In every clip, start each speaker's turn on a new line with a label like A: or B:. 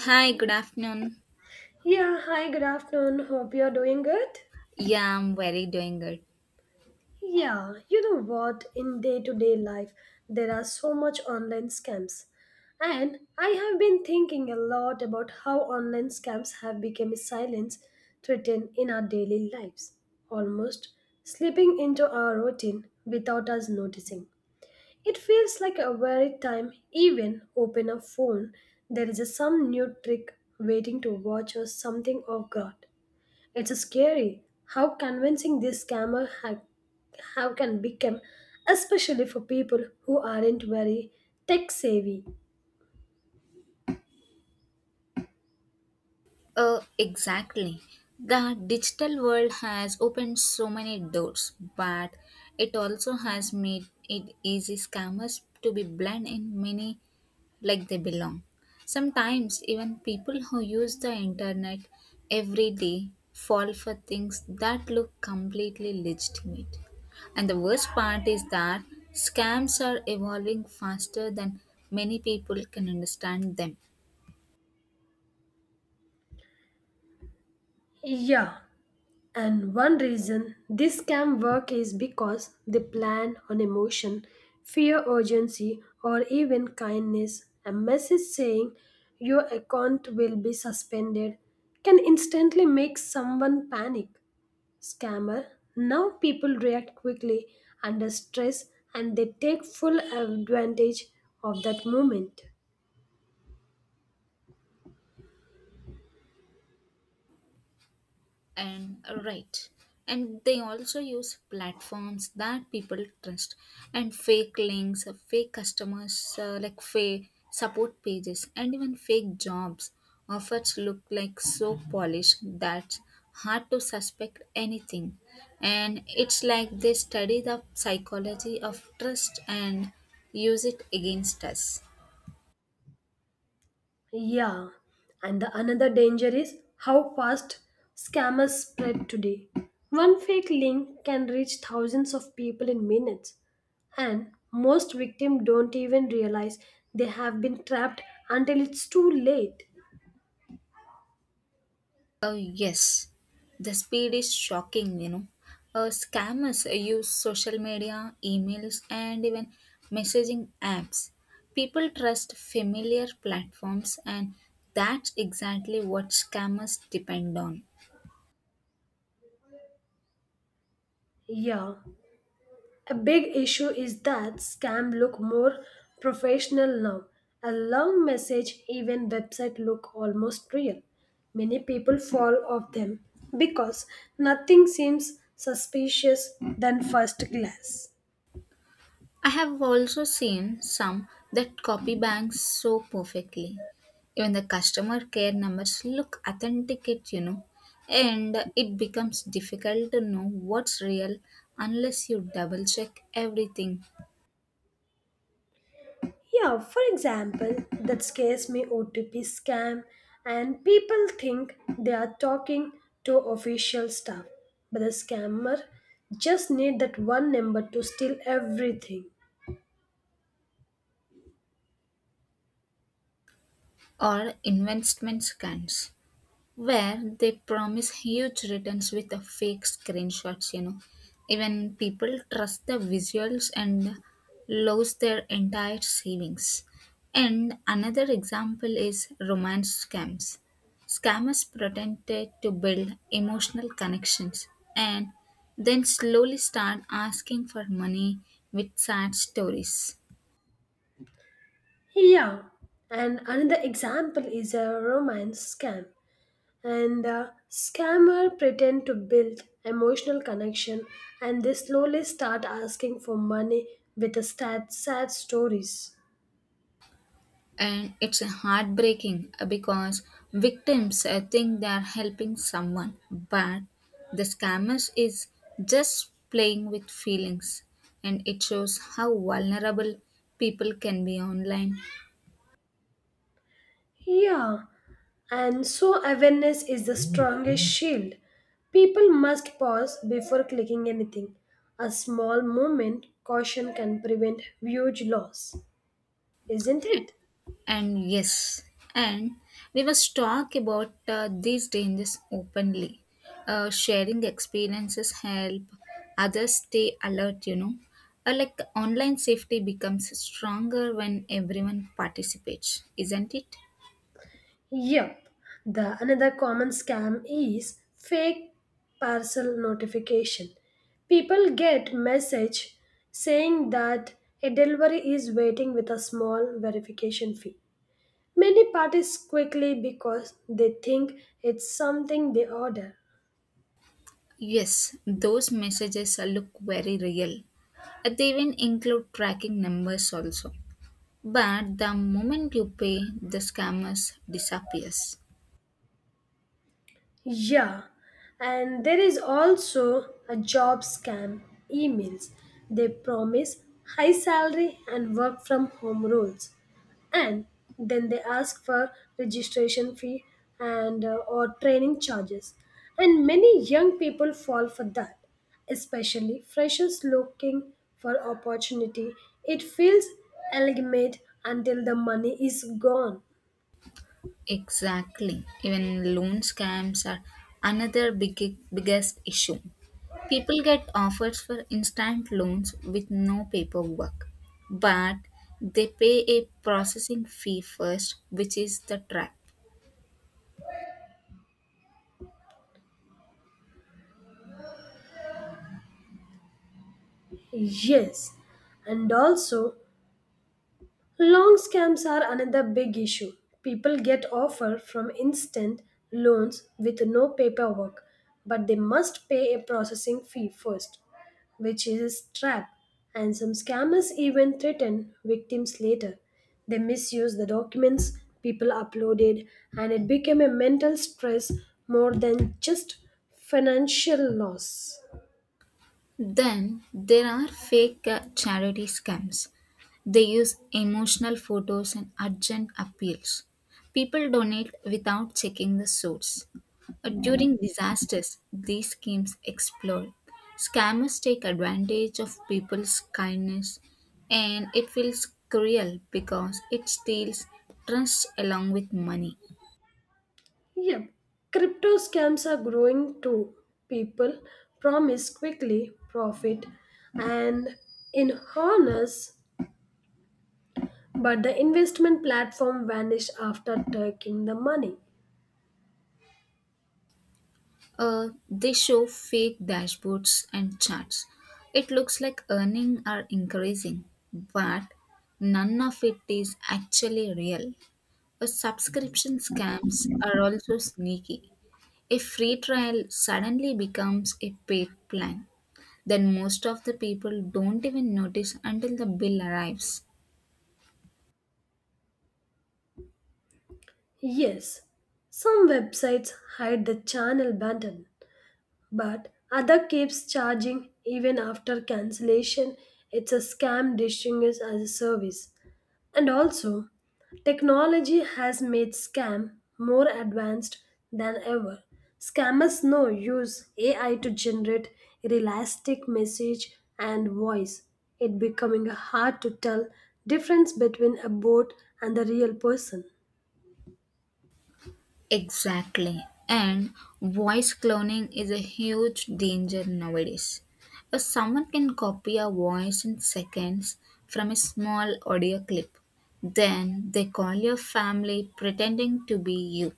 A: Hi, good afternoon.
B: Yeah, hi, good afternoon. Hope you're doing good.
A: Yeah, I'm very doing good.
B: Yeah, you know what? In day to day life, there are so much online scams. And I have been thinking a lot about how online scams have become a silence threaten in our daily lives, almost slipping into our routine without us noticing. It feels like a very time even open a phone, there is a some new trick waiting to watch or something of God. It's scary how convincing how can become, especially for people who aren't very tech savvy.
A: Exactly. The digital world has opened so many doors, but it also has made it easy scammers to be blend in many like they belong. Sometimes even people who use the internet every day fall for things that look completely legitimate. And the worst part is that scams are evolving faster than many people can understand them.
B: Yeah, and one reason this scam work is because they plan on emotion, fear, urgency, or even kindness. A message saying your account will be suspended can instantly make someone panic. Scammer. Now people react quickly under stress and they take full advantage of that moment.
A: And right, and they also use platforms that people trust and fake links, fake customers, like fake support pages and even fake jobs offers look like so polished that hard to suspect anything, and it's like they study the psychology of trust and use it against us.
B: Yeah, and the another danger is how fast scammers spread today. One fake link can reach thousands of people in minutes, and most victims don't even realize they have been trapped until it's too late.
A: Oh, yes. The speed is shocking, you know. Scammers use social media, emails, and even messaging apps. People trust familiar platforms, and that's exactly what scammers depend on.
B: Yeah, a big issue is that scam look more professional now. A long message, even website look almost real. Many people fall off them because nothing seems suspicious than first glance.
A: I have also seen some that copy banks so perfectly. Even the customer care numbers look authenticate, you know, and it becomes difficult to know what's real unless you double check everything.
B: Yeah, for example, that scares me OTP scam, and people think they are talking to official staff, but the scammer just need that one number to steal everything.
A: Or investment scans, where they promise huge returns with the fake screenshots, you know. Even people trust the visuals and lose their entire savings. And another example is romance scams. Scammers pretended to build emotional connections and then slowly start asking for money with sad stories.
B: Yeah, and another example is a romance scam. And the scammer pretend to build emotional connection and they slowly start asking for money with the sad stories.
A: And it's heartbreaking because victims think they're helping someone, but the scammers is just playing with feelings, and it shows how vulnerable people can be online.
B: Yeah, and so awareness is the strongest shield. People must pause before clicking anything. A small moment caution can prevent huge loss, isn't it?
A: And yes, and we must talk about these dangers openly. Sharing experiences help others stay alert, you know. Like online safety becomes stronger when everyone participates, isn't it?
B: Yep. The another common scam is fake parcel notification. People get message saying that a delivery is waiting with a small verification fee. Many parties quickly because they think it's something they order.
A: Yes, those messages look very real. They even include tracking numbers also. But the moment you pay, the scammers disappears.
B: Yeah, and there is also a job scam emails. They promise high salary and work from home roles. And then they ask for registration fee and or training charges. And many young people fall for that, especially freshers looking for opportunity. It feels elegant until the money is gone.
A: Exactly. Even loan scams are another big, biggest issue. People get offers for instant loans with no paperwork, but they pay a processing fee first, which is the trap.
B: Yes, and also long scams are another big issue. People get offer from instant loans with no paperwork, but they must pay a processing fee first, which is a trap. And some scammers even threaten victims later. They misuse the documents people uploaded, and it became a mental stress more than just financial loss.
A: Then there are fake charity scams. They use emotional photos and urgent appeals. People donate without checking the source. During disasters, these schemes explode. Scammers take advantage of people's kindness, and it feels cruel because it steals trust along with money.
B: Yep. Crypto scams are growing too. People promise quickly profit and in honors, but the investment platform vanish after taking the money.
A: They show fake dashboards and charts. It looks like earnings are increasing, but none of it is actually real. Subscription scams are also sneaky. A free trial suddenly becomes a paid plan. Then most of the people don't even notice until the bill arrives.
B: Yes, some websites hide the channel button, but other keeps charging even after cancellation. It's a scam disguised as a service. And also, technology has made scam more advanced than ever. Scammers now use AI to generate realistic message and voice. It becoming hard to tell difference between a bot and the real person.
A: Exactly. And voice cloning is a huge danger nowadays. Someone can copy a voice in seconds from a small audio clip. Then they call your family pretending to be you.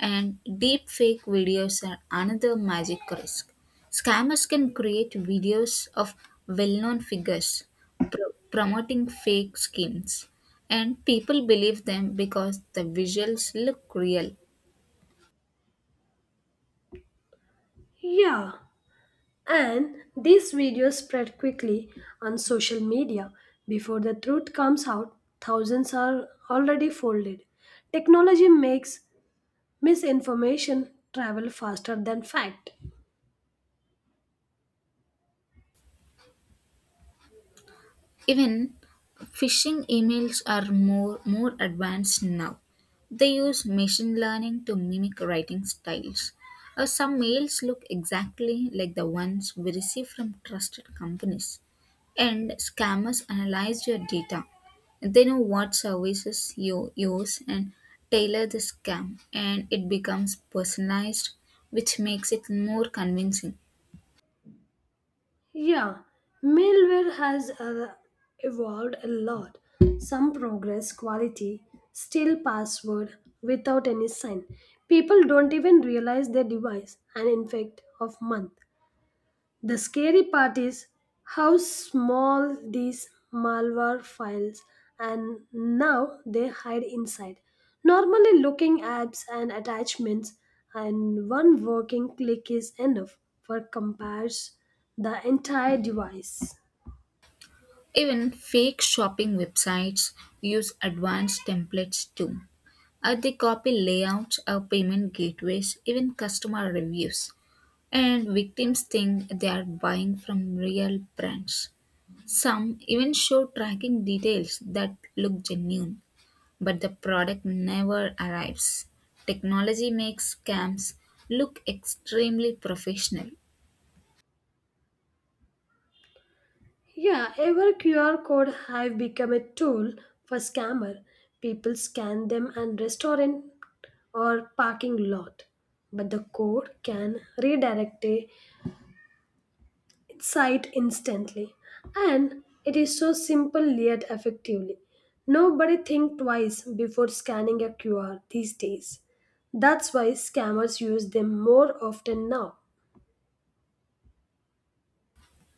A: And deepfake videos are another magic risk. Scammers can create videos of well known figures promoting fake schemes, and people believe them because the visuals look real.
B: Yeah, and these videos spread quickly on social media. Before the truth comes out, thousands are already folded. Technology makes misinformation travel faster than fact.
A: Even phishing emails are more advanced now. They use machine learning to mimic writing styles. Some mails look exactly like the ones we receive from trusted companies, and scammers analyze your data. They know what services you use and tailor the scam, and it becomes personalized, which makes it more convincing.
B: Yeah, malware has evolved a lot, some progress quality still password without any sign, people don't even realize their device an infect of month. The scary part is how small these malware files and now they hide inside. Normally looking apps and attachments and one working click is enough for compares the entire device.
A: Even fake shopping websites use advanced templates too. They copy layouts, payment gateways, even customer reviews. And victims think they are buying from real brands. Some even show tracking details that look genuine, but the product never arrives. Technology makes scams look extremely professional.
B: Yeah, ever QR code have become a tool for scammer. People scan them and restaurant or parking lot, but the code can redirect a sight instantly. And it is so simple yet effectively. Nobody think twice before scanning a QR these days. That's why scammers use them more often now.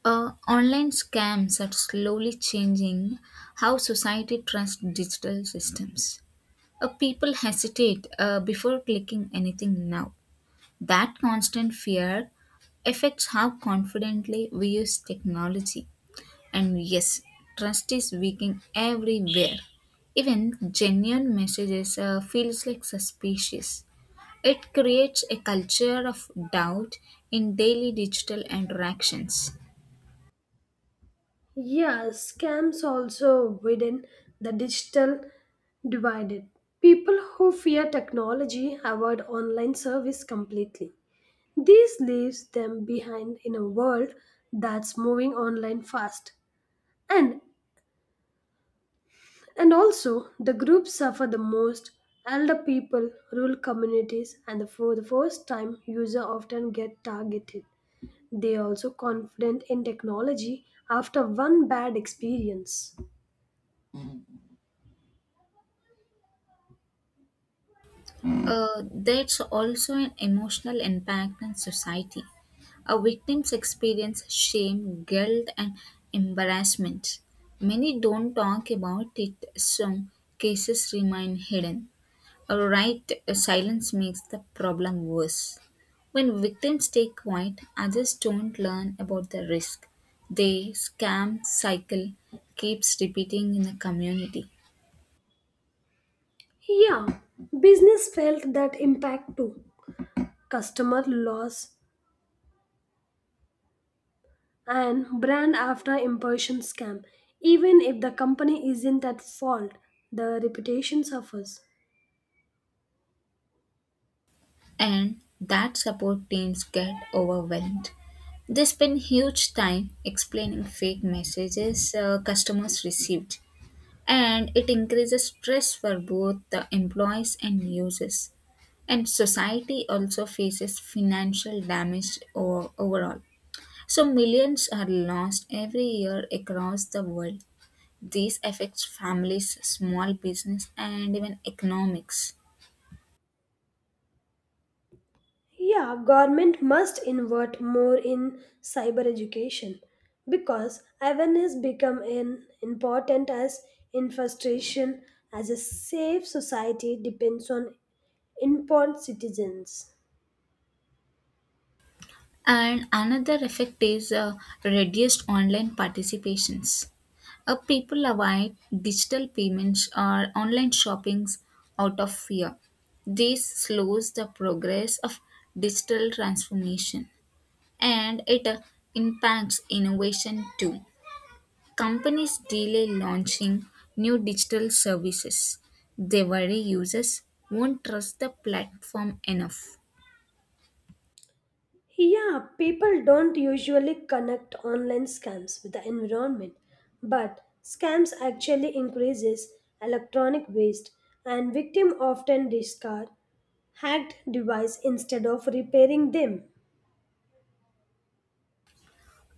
A: Online scams are slowly changing how society trusts digital systems. People hesitate before clicking anything now. That constant fear affects how confidently we use technology. And yes, trust is weakening everywhere. Even genuine messages feels like suspicious. It creates a culture of doubt in daily digital interactions.
B: Yeah, scams also widen the digital divided. People who fear technology avoid online service completely. This leaves them behind in a world that's moving online fast. And And also, the groups suffer the most. Elder people, rural communities, and for the first time user often get targeted. They are also confident in technology after one bad experience.
A: There's also an emotional impact on society. A victims experience shame, guilt, and embarrassment. Many don't talk about it, so cases remain hidden. All right, silence makes the problem worse. When victims stay quiet, others don't learn about the risk. The scam cycle keeps repeating in the community.
B: Yeah, business felt that impact too. Customer loss and brand after impression scam. Even if the company isn't at fault, the reputation suffers.
A: And that support teams get overwhelmed. They spend huge time explaining fake messages customers received, and it increases stress for both the employees and users. And society also faces financial damage overall. So, millions are lost every year across the world. This affects families, small business, and even economics.
B: Yeah, government must invert more in cyber education because awareness become an important as infiltration as a safe society depends on informed citizens.
A: And another effect is reduced online participations. People avoid digital payments or online shoppings out of fear. This slows the progress of digital transformation, and it impacts innovation too. Companies delay launching new digital services. They worry users won't trust the platform enough.
B: Yeah, people don't usually connect online scams with the environment, but scams actually increases electronic waste and victim often discard hacked device instead of repairing them.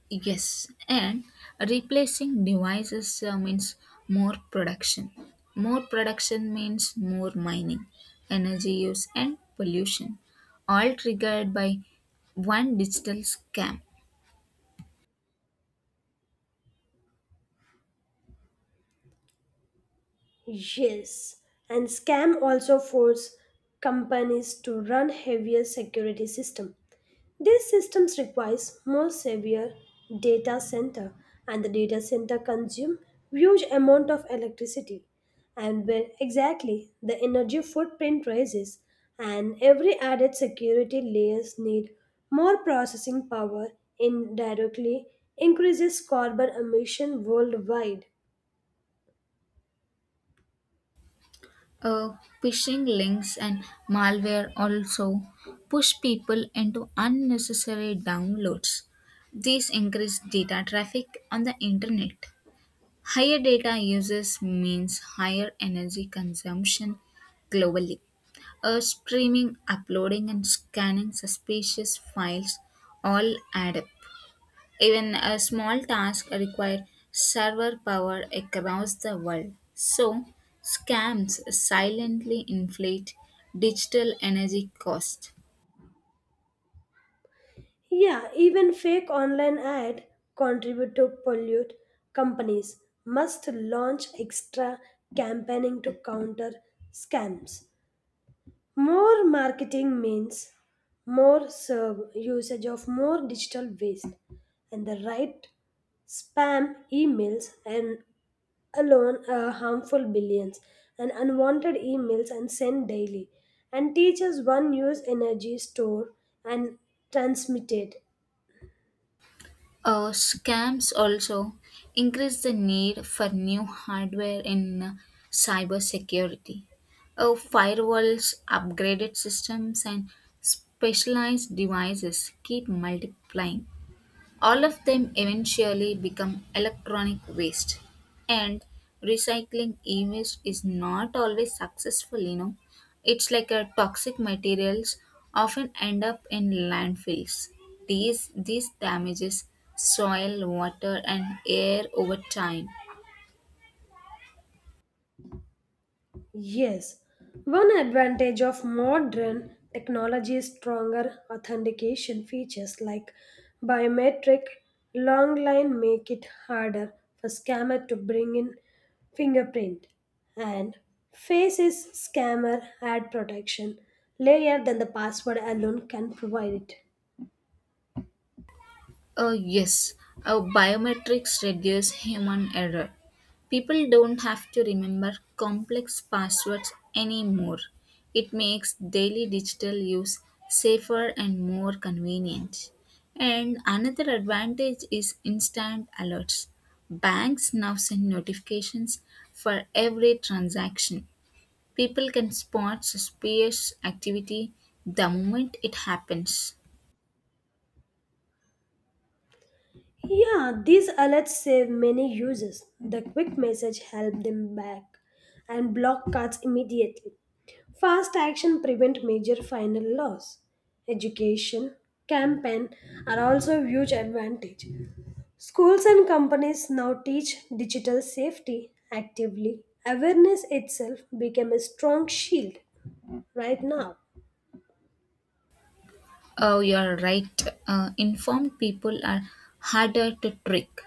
A: Yes, and replacing devices means more production. More production means more mining, energy use, and pollution, all triggered by one digital scam.
B: Yes, and scam also force companies to run heavier security system. These systems requires more severe data center and the data center consume huge amount of electricity and where exactly the energy footprint rises and every added security layers need more processing power indirectly increases carbon emission worldwide.
A: Uh, Phishing links and malware also push people into unnecessary downloads. These increase data traffic on the internet. Higher data uses means higher energy consumption globally. Streaming, uploading, and scanning suspicious files all add up. Even a small task requires server power across the world. So, scams silently inflate digital energy cost.
B: Yeah, even fake online ad contribute to pollute. Companies must launch extra campaigning to counter scams. More marketing means more serve usage of more digital waste and the right spam emails and alone harmful billions and unwanted emails and sent daily and teachers one use energy store and transmitted.
A: Scams also increase the need for new hardware in cybersecurity. Firewalls, upgraded systems, and specialized devices keep multiplying. All of them eventually become electronic waste. And recycling e waste is not always successful, you know. It's like a toxic materials often end up in landfills. These damages soil, water, and air over time.
B: Yes, one advantage of modern technology is stronger authentication features like biometric long line make it harder for scammer to bring in fingerprint and face is scammer ad protection layer than the password alone can provide it.
A: Yes, biometrics reduce human error. People don't have to remember complex passwords anymore. It makes daily digital use safer and more convenient. And another advantage is instant alerts. Banks now send notifications for every transaction. People can spot suspicious activity the moment it happens.
B: Yeah, these alerts save many users. The quick message help them back and block cuts immediately. Fast action prevent major final loss. Education, campaign are also a huge advantage. Schools and companies now teach digital safety actively. Awareness itself became a strong shield right now.
A: Oh, you're right. Informed people are harder to trick.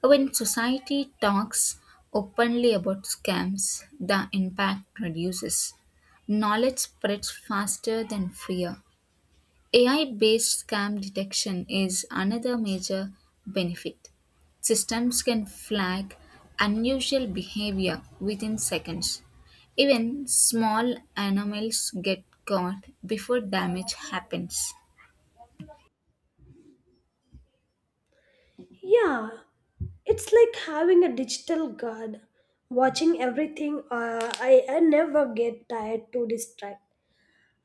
A: When society talks openly about scams, the impact reduces. Knowledge spreads faster than fear. AI based scam detection is another major benefit. Systems can flag unusual behavior within seconds. Even small anomalies get caught before damage happens.
B: Yeah, it's like having a digital guard, watching everything. I never get tired to distract.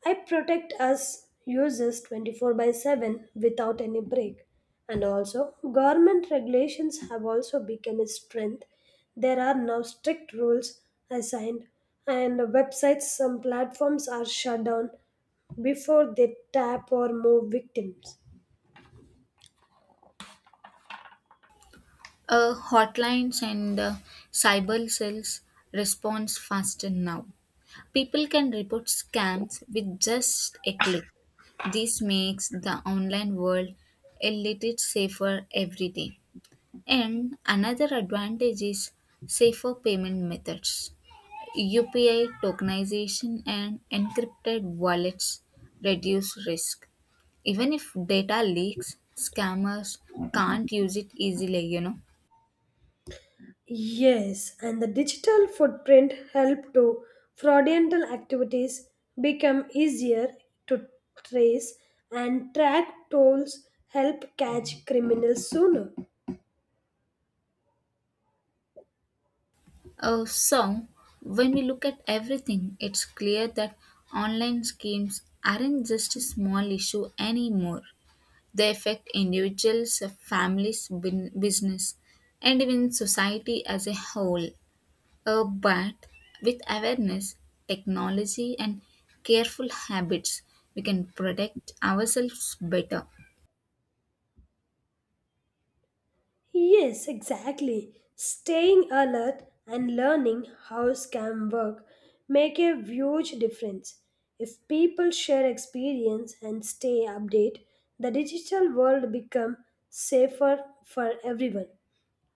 B: I protect us users 24 by 7 without any break. And also, government regulations have also become a strength. There are now strict rules assigned, and websites, some platforms are shut down before they tap or move victims.
A: Hotlines and cyber cells responds faster now. People can report scams with just a click. This makes the online world a little safer every day. And another advantage is safer payment methods. UPI tokenization and encrypted wallets reduce risk. Even if data leaks, scammers can't use it easily, you know.
B: Yes, and the digital footprint help to fraudulent activities become easier to trace and track. Tools help catch criminals sooner.
A: So, when we look at everything, it's clear that online schemes aren't just a small issue anymore. They affect individuals, families, business, and even society as a whole. But with awareness, technology, and careful habits, we can protect ourselves better.
B: Yes, exactly. Staying alert and learning how scam work make a huge difference. If people share experience and stay update, the digital world become safer for everyone.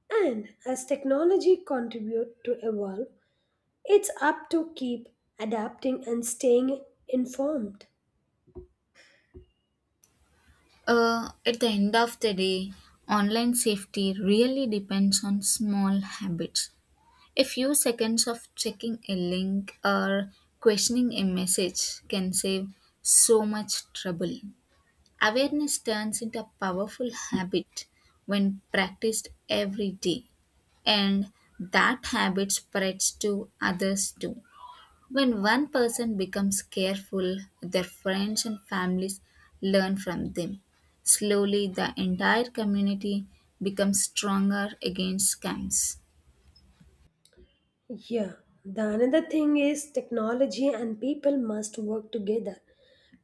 B: And as technology contribute to evolve, it's up to keep adapting and staying informed.
A: At the end of the day, online safety really depends on small habits. A few seconds of checking a link or questioning a message can save so much trouble. Awareness turns into a powerful habit when practiced every day, and that habit spreads to others too. When one person becomes careful, their friends and families learn from them. Slowly, the entire community becomes stronger against scams.
B: Yeah, the another thing is technology and people must work together.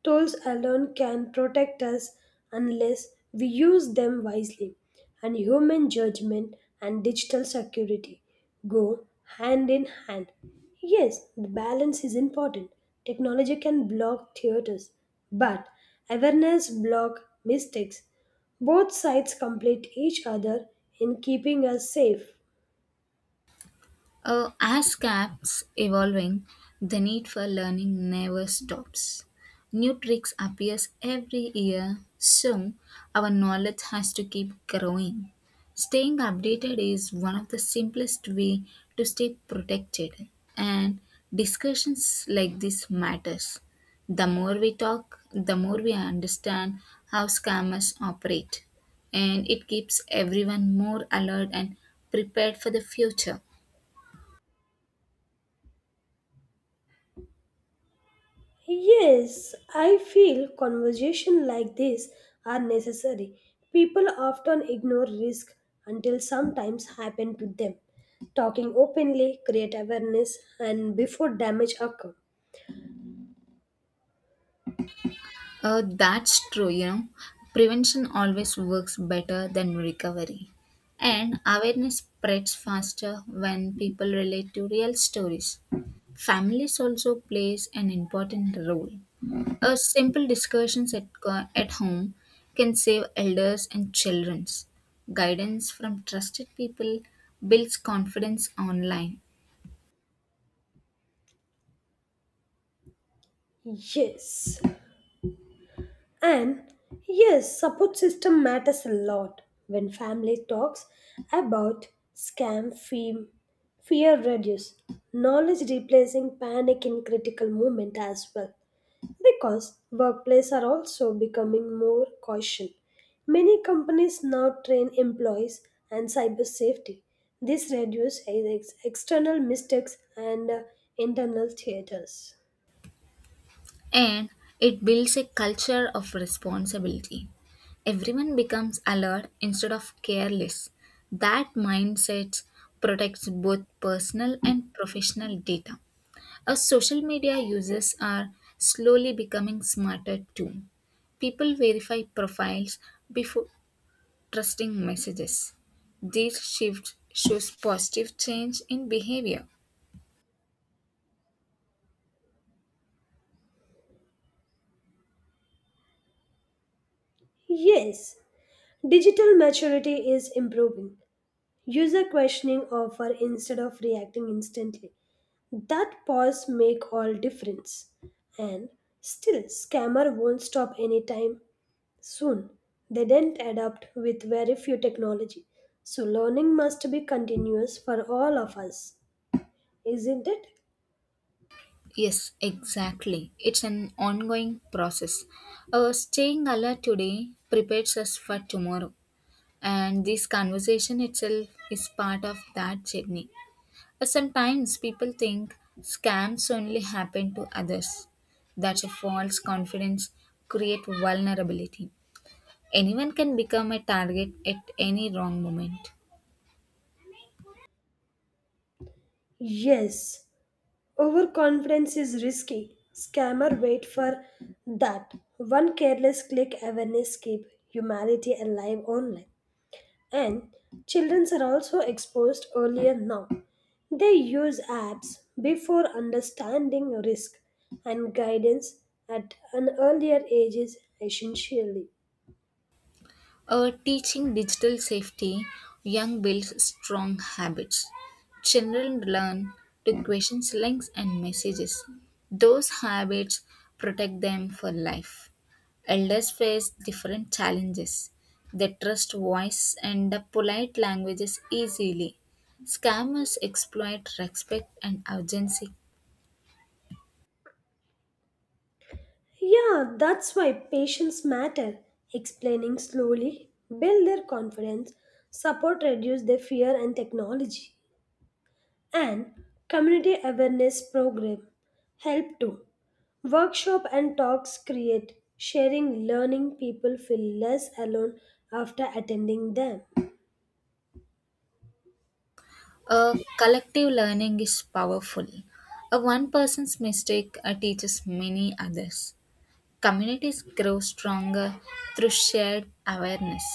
B: Tools alone can protect us unless we use them wisely, and human judgment and digital security go hand in hand. Yes, the balance is important. Technology can block theaters, but awareness block mistakes. Both sides complete each other in keeping us safe.
A: As CAP's evolving, the need for learning never stops. New tricks appears every year, so our knowledge has to keep growing. Staying updated is one of the simplest way to stay protected, and discussions like this matters. The more we talk, the more we understand how scammers operate, and it keeps everyone more alert and prepared for the future.
B: Yes, I feel conversations like this are necessary. People often ignore risk until sometimes happen to them. Talking openly create awareness and before damage occur.
A: That's true, you know. Prevention always works better than recovery. And awareness spreads faster when people relate to real stories. Families also plays an important role. A simple discussions at home can save elders and childrens. Guidance from trusted people builds confidence online,
B: Yes. And yes, support system matters a lot when family talks about scam fame, fear reduce, knowledge replacing panic in critical moment as well. Because workplaces are also becoming more cautious. Many companies now train employees and cyber safety. This reduces external mistakes and internal theaters.
A: and it builds a culture of responsibility. Everyone becomes alert instead of careless. That mindset protects both personal and professional data. Our social media users are slowly becoming smarter too. People verify profiles before trusting messages. This shift shows positive change in behavior.
B: Yes, digital maturity is improving. User questioning offer instead of reacting instantly. That pause make all difference. And still, scammer won't stop anytime soon, they didn't adapt with very few technology. So learning must be continuous for all of us, isn't it?
A: Yes, exactly. It's an ongoing process. Our staying alert today prepares us for tomorrow, and this conversation itself is part of that journey. But sometimes people think scams only happen to others. That's a false confidence, create vulnerability. Anyone can become a target at any wrong moment.
B: Yes. Overconfidence is risky. Scammer wait for that. One careless click awareness keep humanity alive online. And children are also exposed earlier now. They use apps before understanding risk and guidance at an earlier age is essentially.
A: Teaching digital safety, young builds strong habits. Children learn to question links and messages. Those habits protect them for life. Elders face different challenges. They trust voice and the polite languages easily. Scammers exploit respect and urgency.
B: Yeah, that's why patience matter. Explaining slowly, build their confidence, support reduce their fear and technology. And community awareness program help too. Workshop and talks create sharing learning people feel less alone after attending them.
A: A collective learning is powerful. A one person's mistake teaches many others. Communities grow stronger through shared awareness.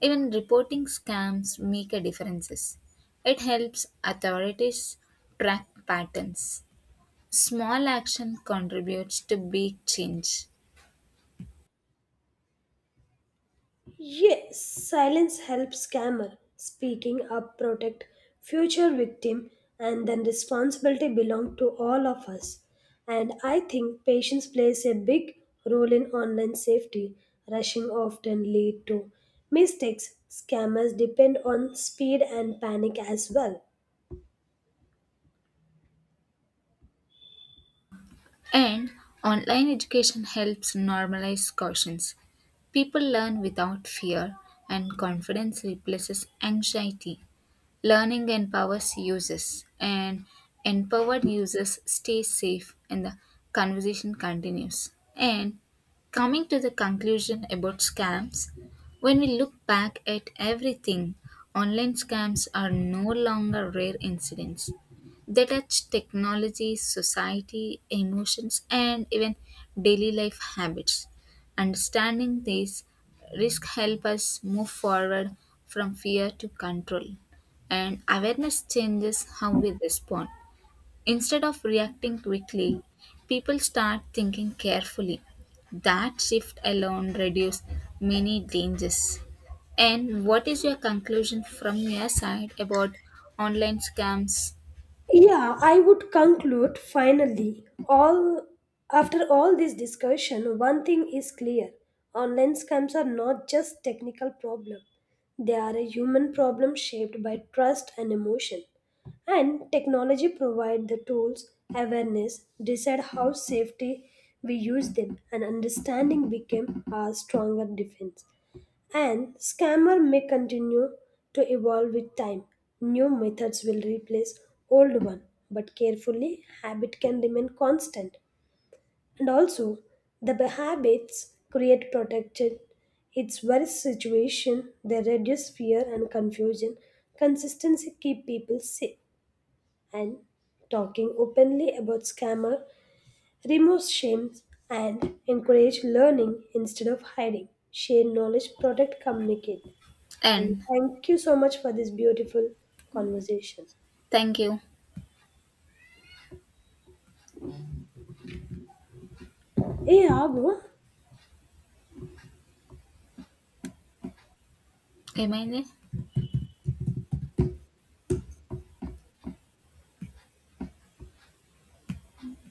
A: Even reporting scams make a difference. It helps authorities track patterns. Small action contributes to big change.
B: Yes, silence helps scammer. Speaking up protect future victim and then responsibility belong to all of us. And I think patience plays a big role in online safety. Rushing often lead to mistakes. Scammers depend on speed and panic as well.
A: And online education helps normalize cautions. People learn without fear, and confidence replaces anxiety. Learning empowers users, and empowered users stay safe, and the conversation continues. And coming to the conclusion about scams, when we look back at everything, online scams are no longer rare incidents. They touch technology, society, emotions, and even daily life habits. Understanding these risks help us move forward from fear to control, and awareness changes how we respond. Instead of reacting quickly, people start thinking carefully. That shift alone reduces many dangers. And what is your conclusion from your side about online scams
B: Yeah, I would conclude finally. All after all this discussion, one thing is clear. Online scams are not just technical problem. They are a human problem shaped by trust and emotion. And technology provide the tools, awareness, decide how safety we use them and understanding became our stronger defense. And scammer may continue to evolve with time. New methods will replace old one, but carefully habit can remain constant. And also the habits create protection. It's worst situation, they reduce fear and confusion. Consistency keep people safe and talking openly about scammer removes shame and encourage learning instead of hiding. Share knowledge, protect, communicate. And
A: and
B: thank you so much for this beautiful conversation.
A: thank you,
B: Hey, Abu,
A: Emily.